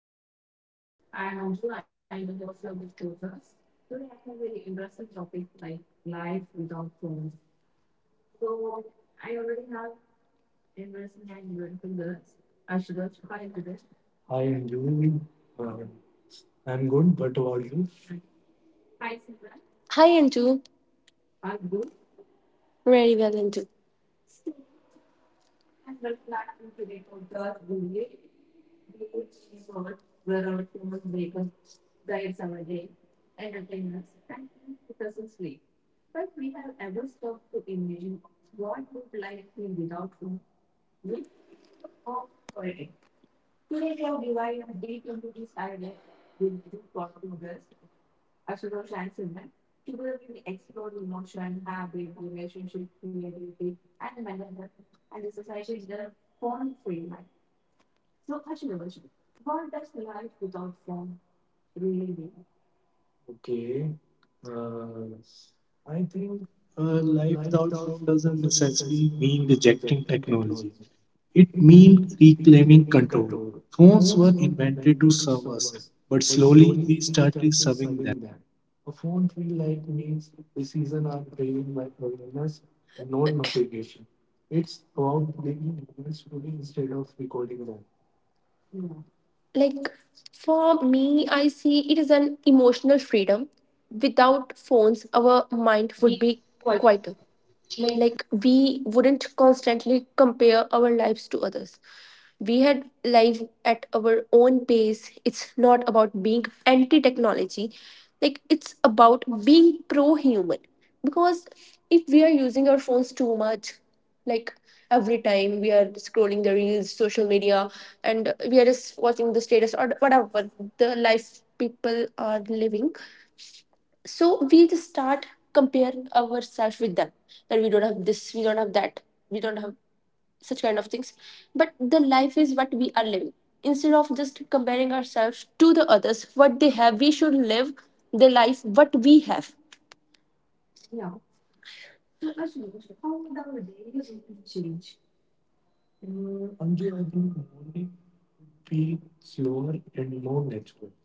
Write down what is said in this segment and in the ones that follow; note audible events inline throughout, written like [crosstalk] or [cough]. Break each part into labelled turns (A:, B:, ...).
A: podcast.
B: Hi, Anju. Uh, I'm good, but how are you? Hi, Anju, very well, Anju. Okay. Uh, I think
A: Uh, life
B: life
A: without
B: without
A: phone
B: fun
A: doesn't
B: doesn't
A: necessarily
B: necessarily
A: mean
B: mean
A: rejecting
B: rejecting
A: technology.
B: technology.
A: It
B: It needs
A: means reclaiming
B: reclaiming
A: control.
B: control.
A: Phones
B: Phones
A: were
B: were
A: invented to
B: invented to
A: serve
B: serve
A: us,
B: us,
A: but
B: but
A: slowly
B: slowly
A: we
B: we
A: started
B: started
A: serving them.
B: serving them. A phone free life means decisions are driven by awareness and not navigation. It's about living moments fully instead of recording them. Like for me, I see it is an emotional freedom. Without phones, our mind would be quieter. Like, we wouldn't constantly compare our lives to others. We had life at our own pace. It's not about being anti technology, like it's about being pro human. Because if we are using our phones too much, like every time we are scrolling the reels, social media, and we are just watching the status or whatever the life people are living, so we just start compare ourselves with them, that we don't have this, we don't have that, we don't have such kind of things, but the life is what we are living. Instead of just comparing ourselves to the others, what they have, we should live the life what we have. Anju, I think morning would feel slower and more natural.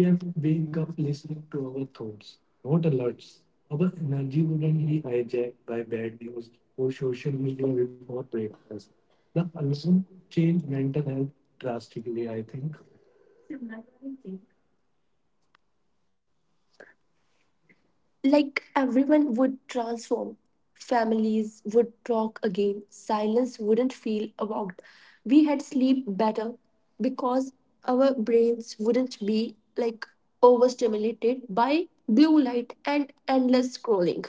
B: We have to wake up listening to our thoughts, not alerts. Our energy wouldn't be hijacked by bad news or social media before breakfast. The alone change mental health drastically, I think. Like, everyone would transform. Families would talk again. Silence wouldn't feel about. We had sleep better because our brains wouldn't be like overstimulated by blue light and endless scrolling.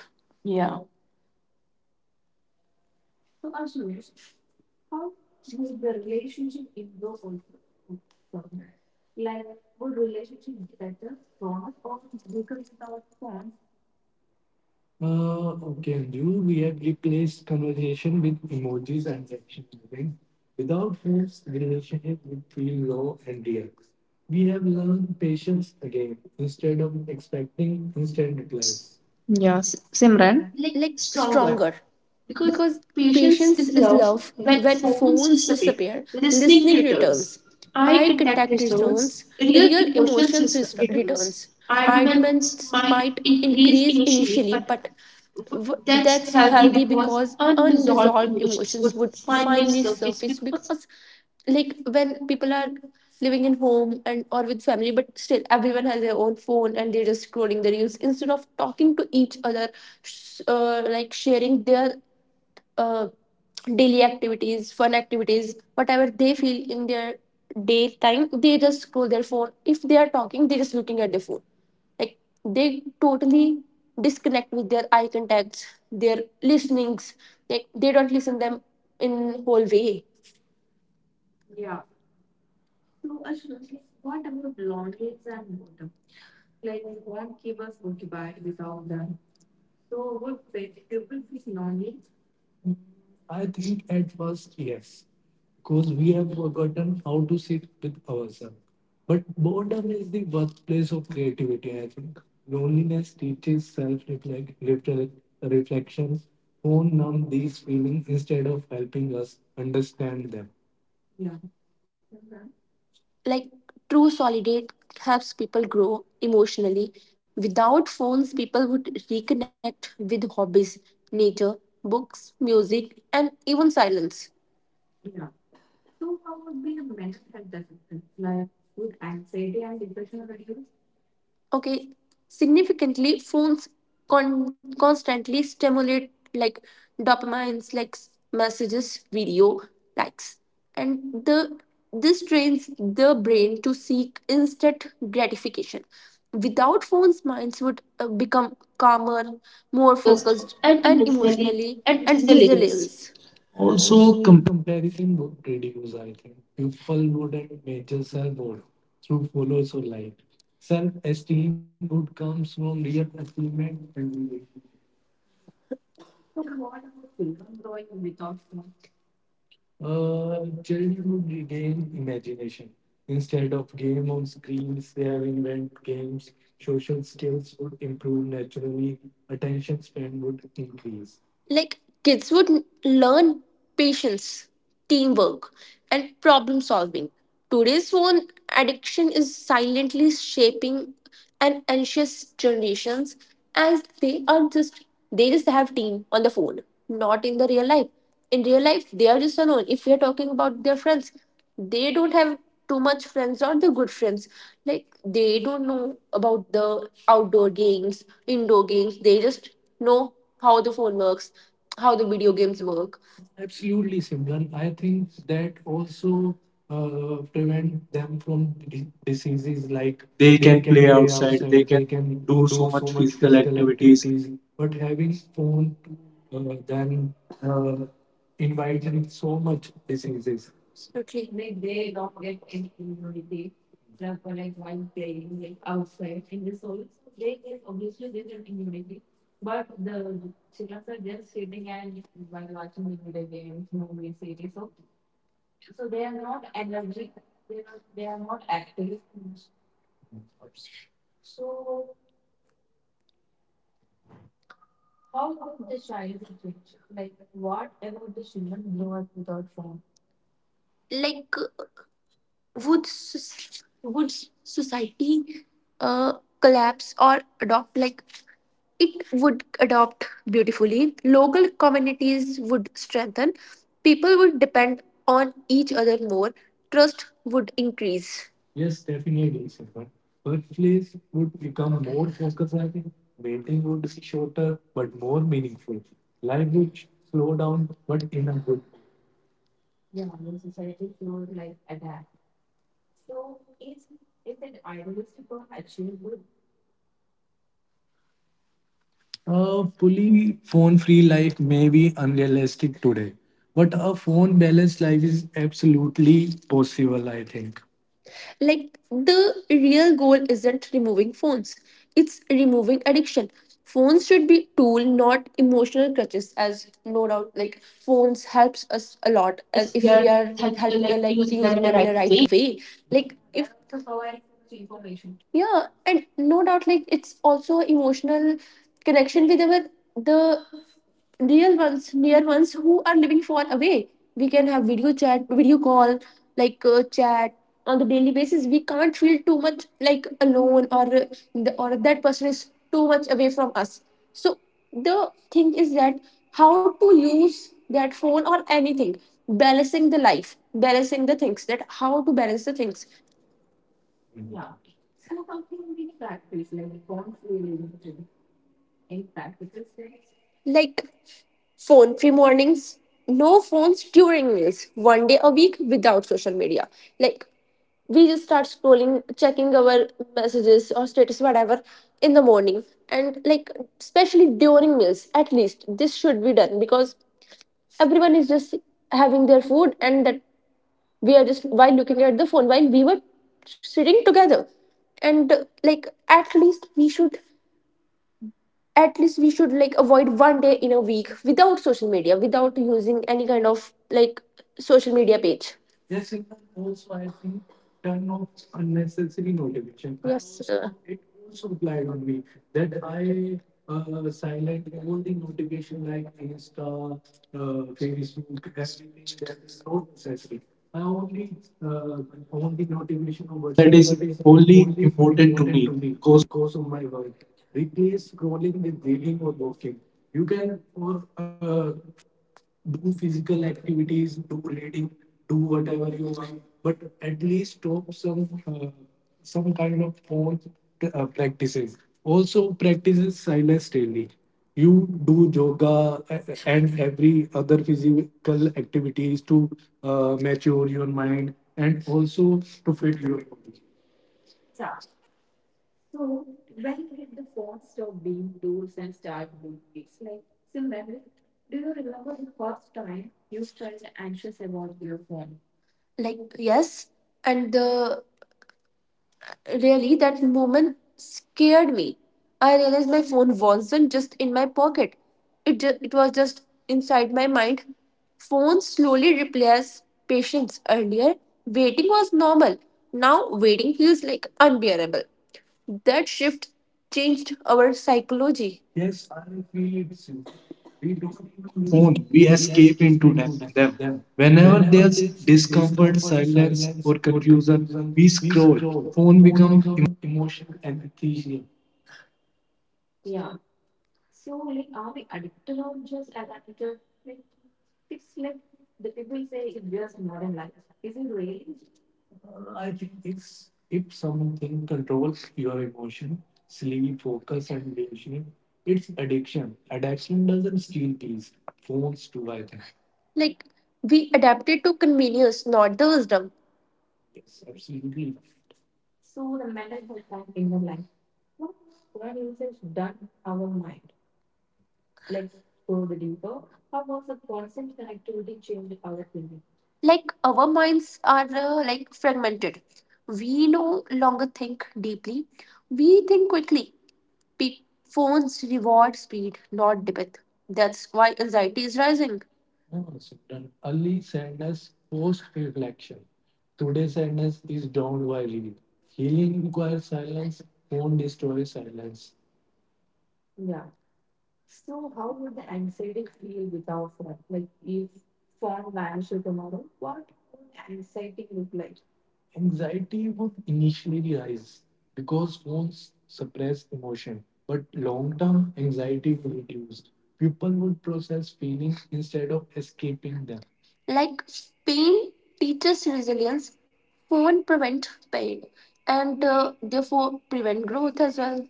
B: Okay, Anju, we have replaced conversation with emojis and action moving. Without this, relationship would feel low and real. We have learned patience again instead of expecting instant replies.
A: Yes, Simran.
B: Like stronger. Because patience is love. When phones disappear, listening returns. Eye contact returns. Real emotions returns. Arguments might increase initially, but that's healthy because unresolved emotions would finally surface. Because like when people are living in home and or with family but still everyone has their own phone and they're just scrolling the reels instead of talking to each other, like sharing their uh, daily activities, fun activities, whatever they feel in their daytime, they just scroll their phone. If they are talking, they're just looking at their phone, like they totally disconnect with their eye contacts, their listenings, like they don't listen them in whole way. I think at first, yes, because we have forgotten how to sit with ourselves. But boredom is the birthplace of creativity, I think. Loneliness teaches self reflections, who numb these feelings instead of helping us understand them. Like true solidate helps people grow emotionally. Without phones, people would reconnect with hobbies, nature, books, music, and even silence. Okay, significantly phones constantly stimulate like dopamines, like messages, video, likes, and the this trains the brain to seek instant gratification. Without phones, minds would become calmer, more focused, and emotionally and resilient.
A: Also,
B: Also, comparison would reduce, I think. People wouldn't measure self-worth through follows or like. Self-esteem would come from real achievement and relationship. Children would regain imagination. Instead of game on screens, they have invent games. Social skills would improve naturally. Attention span would increase. Like kids would learn patience, teamwork, and problem solving. Today's phone addiction is silently shaping an anxious generations, as they are just, they just have team on the phone, not in the real life. In real life they are just alone. If we are talking about their friends, they don't have too much friends or the good friends. Like they don't know about the outdoor games, indoor games, they just know how the phone works, how the video games work. Absolutely, Simran. I think that also prevent them from diseases. Like
A: they
B: they
A: can
B: can
A: play
B: play
A: outside, they
B: outside, they
A: can
B: can
A: do so
B: do so
A: much
B: much
A: physical
B: physical
A: activities.
B: activities, but having phone to them uh, invites so much diseases. Absolutely. Like they don't get any immunity. Like would would society uh, collapse or adopt? Like it would adopt beautifully. Local communities would strengthen. People would depend on each other more. Trust would increase. Yes, definitely, Simran. Workplace would become more focused, I think. Meeting would be shorter but more meaningful. Life would slow down but in a good way. A fully phone free life may be unrealistic today, but a phone balanced life is absolutely possible, I think. Like the real goal isn't removing phones, it's removing addiction. Phones should be tool, not emotional crutches. As no doubt, like phones helps us a lot if we are help like using them in a right way. Like if yeah, and no doubt, like it's also emotional connection with our the real ones, near ones who are living far away. We can have video chat, video call, like chat on the daily basis. We can't feel too much like alone or that person is too much away from us. So the thing is that how to use that phone or anything, balancing the life, balancing the things. That how to balance the things. Like phone free mornings, no phones during meals, one day a week without social media. Like we just start scrolling, checking our messages or status, whatever, in the morning. And like, especially during meals, at least this should be done because everyone is just having their food, and that we are just while looking at the phone while we were sitting together. And like, at least we should like avoid one day in a week without social media without using any kind of like social media page. Yes, it can also I think turn off unnecessary notification. I Yes, also- sir. It also applied on me that I silent all the notification like Insta, uh, Facebook, everything that is not necessary. I only uh, on the notification of
A: That
B: WhatsApp
A: is
B: that is
A: only
B: only
A: important to
B: important
A: me
B: to me
A: because
B: because of my work. Replace scrolling with reading or walking. You can or do physical activities, do reading, do whatever you want, but at least stop some kind of phone practices. Also, practices silence daily. You do yoga and every other physical activities to mature your mind and also to fit your body. Like, yes, and the Really, that moment scared me. I realized my phone wasn't just in my pocket, it was just inside my mind. Phones slowly replaced patience. Earlier, waiting was normal. Now, waiting feels like unbearable. That shift changed our psychology. Yes, I feel it too. We don't even lose.
A: phone, we
B: We
A: escape
B: escape
A: into them.
B: into them.
A: them.
B: them.
A: Whenever
B: Whenever
A: there's
B: there's
A: discomfort,
B: discomfort,
A: silence, or
B: silence, or
A: confusion,
B: confusion,
A: we
B: we
A: scroll.
B: scroll.
A: Phone
B: Phone become emotional anesthesia. I think it's if something controls your emotion, sleep, focus, and vision, it's addiction. Addiction doesn't steal peace. Phones do, I think. Like, we adapted to convenience, not the wisdom. Yes, absolutely. Like, our minds are like fragmented. We no longer think deeply, we think quickly. Pe- phones reward speed, not depth. That's why anxiety is rising. Yes, Done. Early sadness, post reflection. Today's sadness is drowned by reading. Healing requires silence, phone destroys silence. Anxiety would initially rise because phones suppress emotion, but long term anxiety will reduce. People would process feelings instead of escaping them. Like pain teaches resilience, phone prevent pain, and therefore prevent growth as well.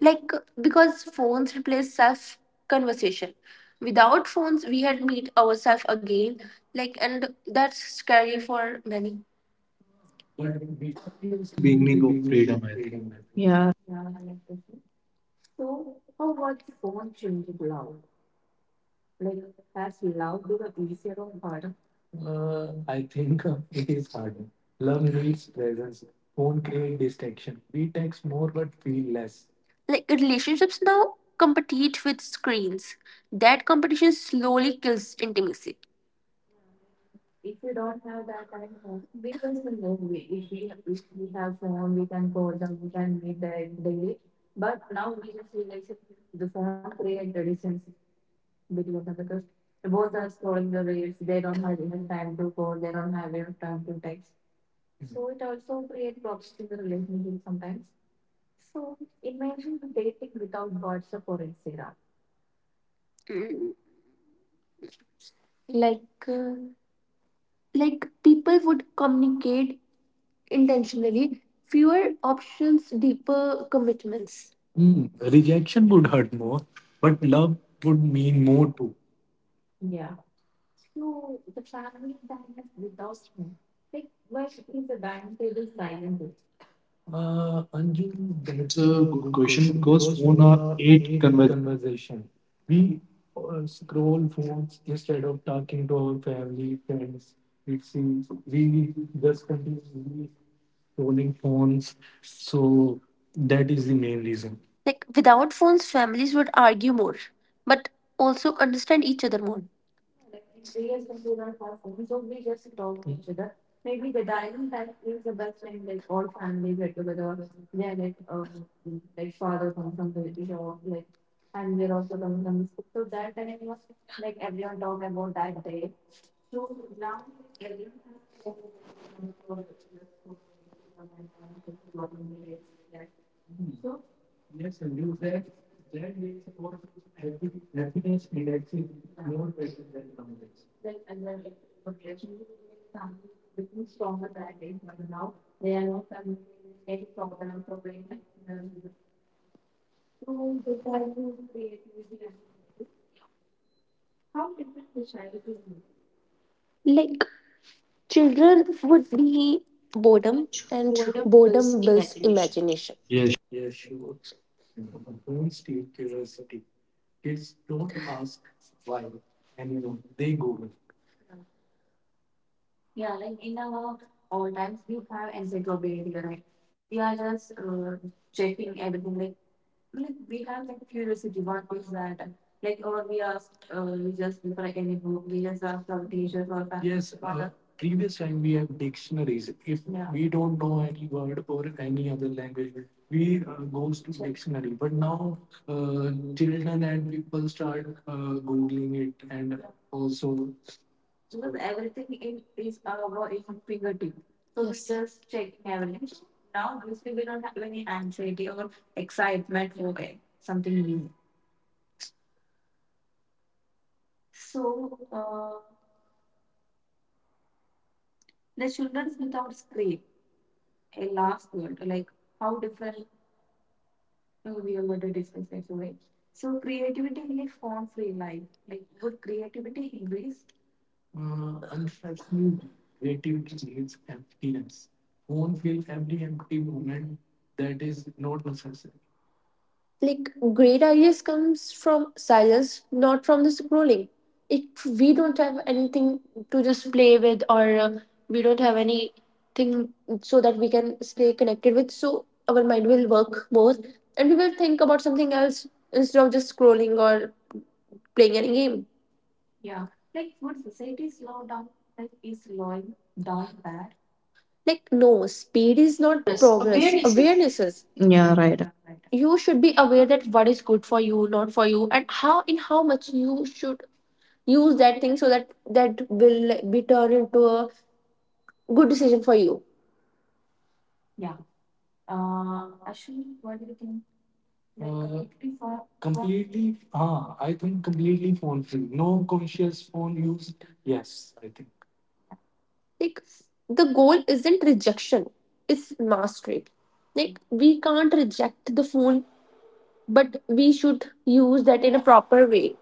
B: Like because phones replace self conversation. Without phones, we had meet ourselves again. Like, and that's scary for many. But we thought he was in the
A: beginning of
B: beginning of
A: freedom, I
B: freedom,
A: think.
B: I
A: Yeah.
B: think. I think [laughs] it is harder. Love needs presence. Phone create distraction. We text more but feel less. Like relationships now compete with screens. That competition slowly kills intimacy. Mm. Like, uh, like people would communicate intentionally, fewer options, deeper commitments. Hmm, rejection would hurt more, but love would mean more too. Anju,
A: It's
B: that's
A: a good
B: a good
A: question
B: question
A: because
B: because
A: phone are
B: phone are
A: eight
B: eight
A: conversations.
B: conversation. We scroll phones instead of talking to our family, friends. We see, we just continue Rolling phones. So that is the main reason. Like without phones, families would argue more, but also understand each other more. Yes, and you that makes about happy, happiness and actually more better than numbers. Like children would be boredom, and boredom builds imagination.
A: Yes.
B: Yes, sure. Don't steal curiosity. Kids don't ask why, and you know they go. Yes, Previous time we have dictionaries. If we don't know any word or any other language, we goes to dictionary. But now uh, children and people start googling it, and also unfortunately, creativity needs emptiness. Phone feels every empty moment that is not necessary. Like great ideas comes from silence, not from the scrolling. If we don't have anything to just play with or we don't have anything, so that we can stay connected with, so our mind will work more and we will think about something else instead of just scrolling or playing any game. Like no, speed is not progress, awareness is.
A: Yeah, right.
B: You should be aware that what is good for you, not for you, and how in how much you should use that thing so that that will be turned into a good decision for you. Completely, ah, I think completely phone free, no, conscious phone use. Yes, I think like the goal isn't rejection, it's mastery. Like we can't reject the phone, but we should use that in a proper way.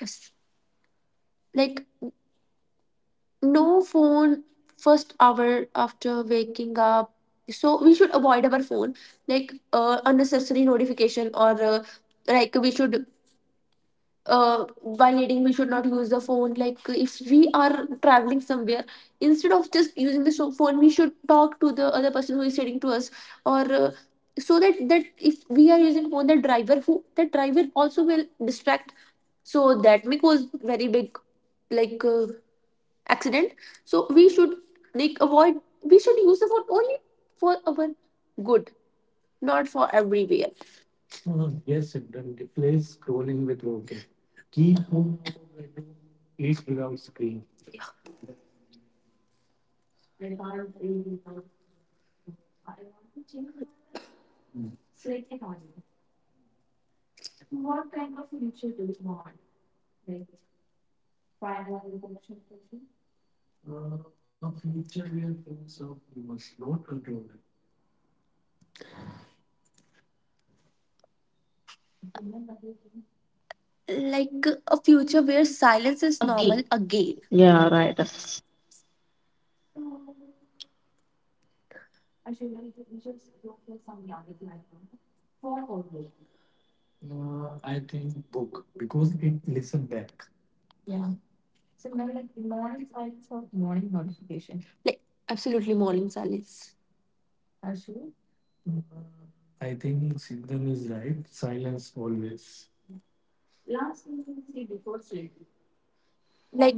B: Yes, like no phone first hour after waking up. So we should avoid our phone, like unnecessary notification or like we should while eating we should not use the phone. Like if we are traveling somewhere instead of just using the phone we should talk to the other person who is sitting to us or so that, that if we are using phone, the driver who the driver also will distract, so that may cause very big like accident. So we should like avoid, we should use the phone only for our good, not for everywhere. Hmm, yes children replace scrolling with walking, keep home, eat without screen. Uh, a future where phones are you must not control it. Like a future where silence is normal again.
A: Yeah, right. I think
B: I think book because it listen back. Like absolutely morning silence. I think Siddhan is right. Silence always. Like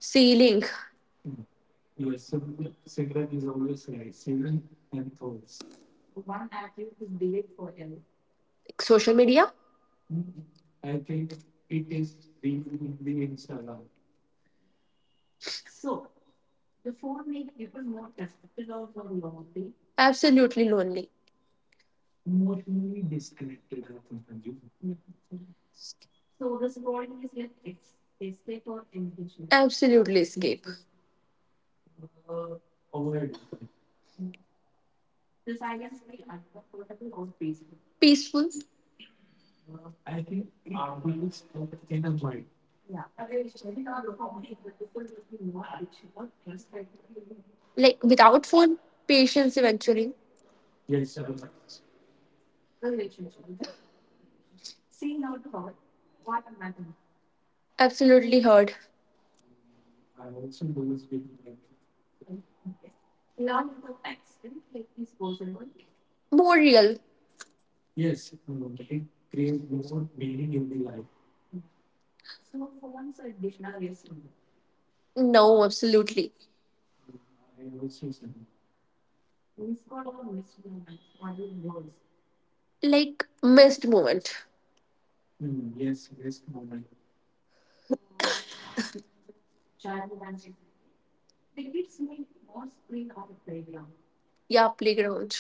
B: ceiling, Yes, so Siddhan is always right. Siddhan and thoughts. Like social media. Hmm, I think it is being the Instagram. Absolutely lonely. Emotionally disconnected, I think. Absolutely escape. Avoid. Peaceful. I think artists in a mind. Like without phone, patience eventually. Absolutely heard. More real. No, absolutely. Like missed moment. Yeah, playground.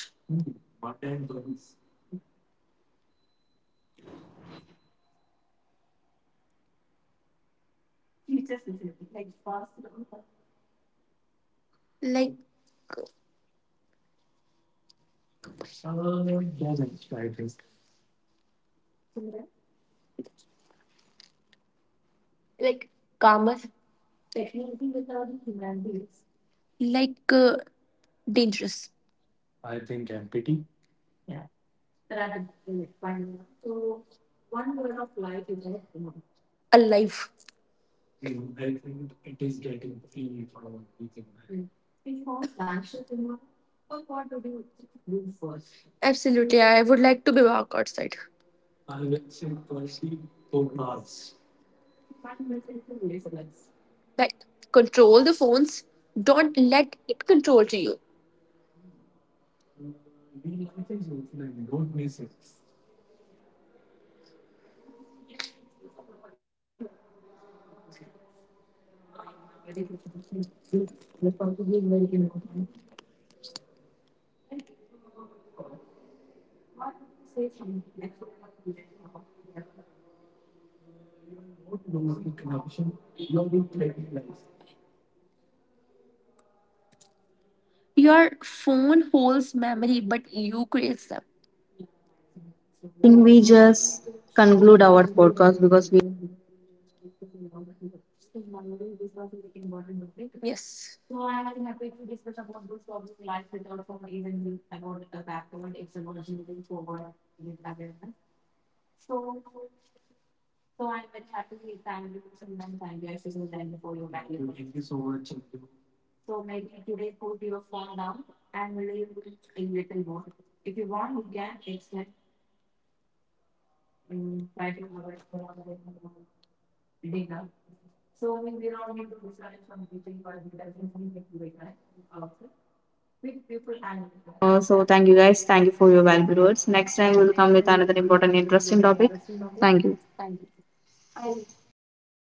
B: Like like karma. Like dangerous. Alive. Mm, I think it is getting free for our weekend. Absolutely, I would like to be back outside. I would say personally, 4 hours. Like, control the phones. Don't let it control to you. We life is offline. Don't miss it. Don't lose the connection. You're in trading life. Your phone holds memory, but you create them.
A: we just conclude our podcast because we
B: Yes. Thank you so much.
A: also thank you guys. Thank you for your valuable words. Next time we'll come with another important, interesting topic. Thank you.
B: Bayern.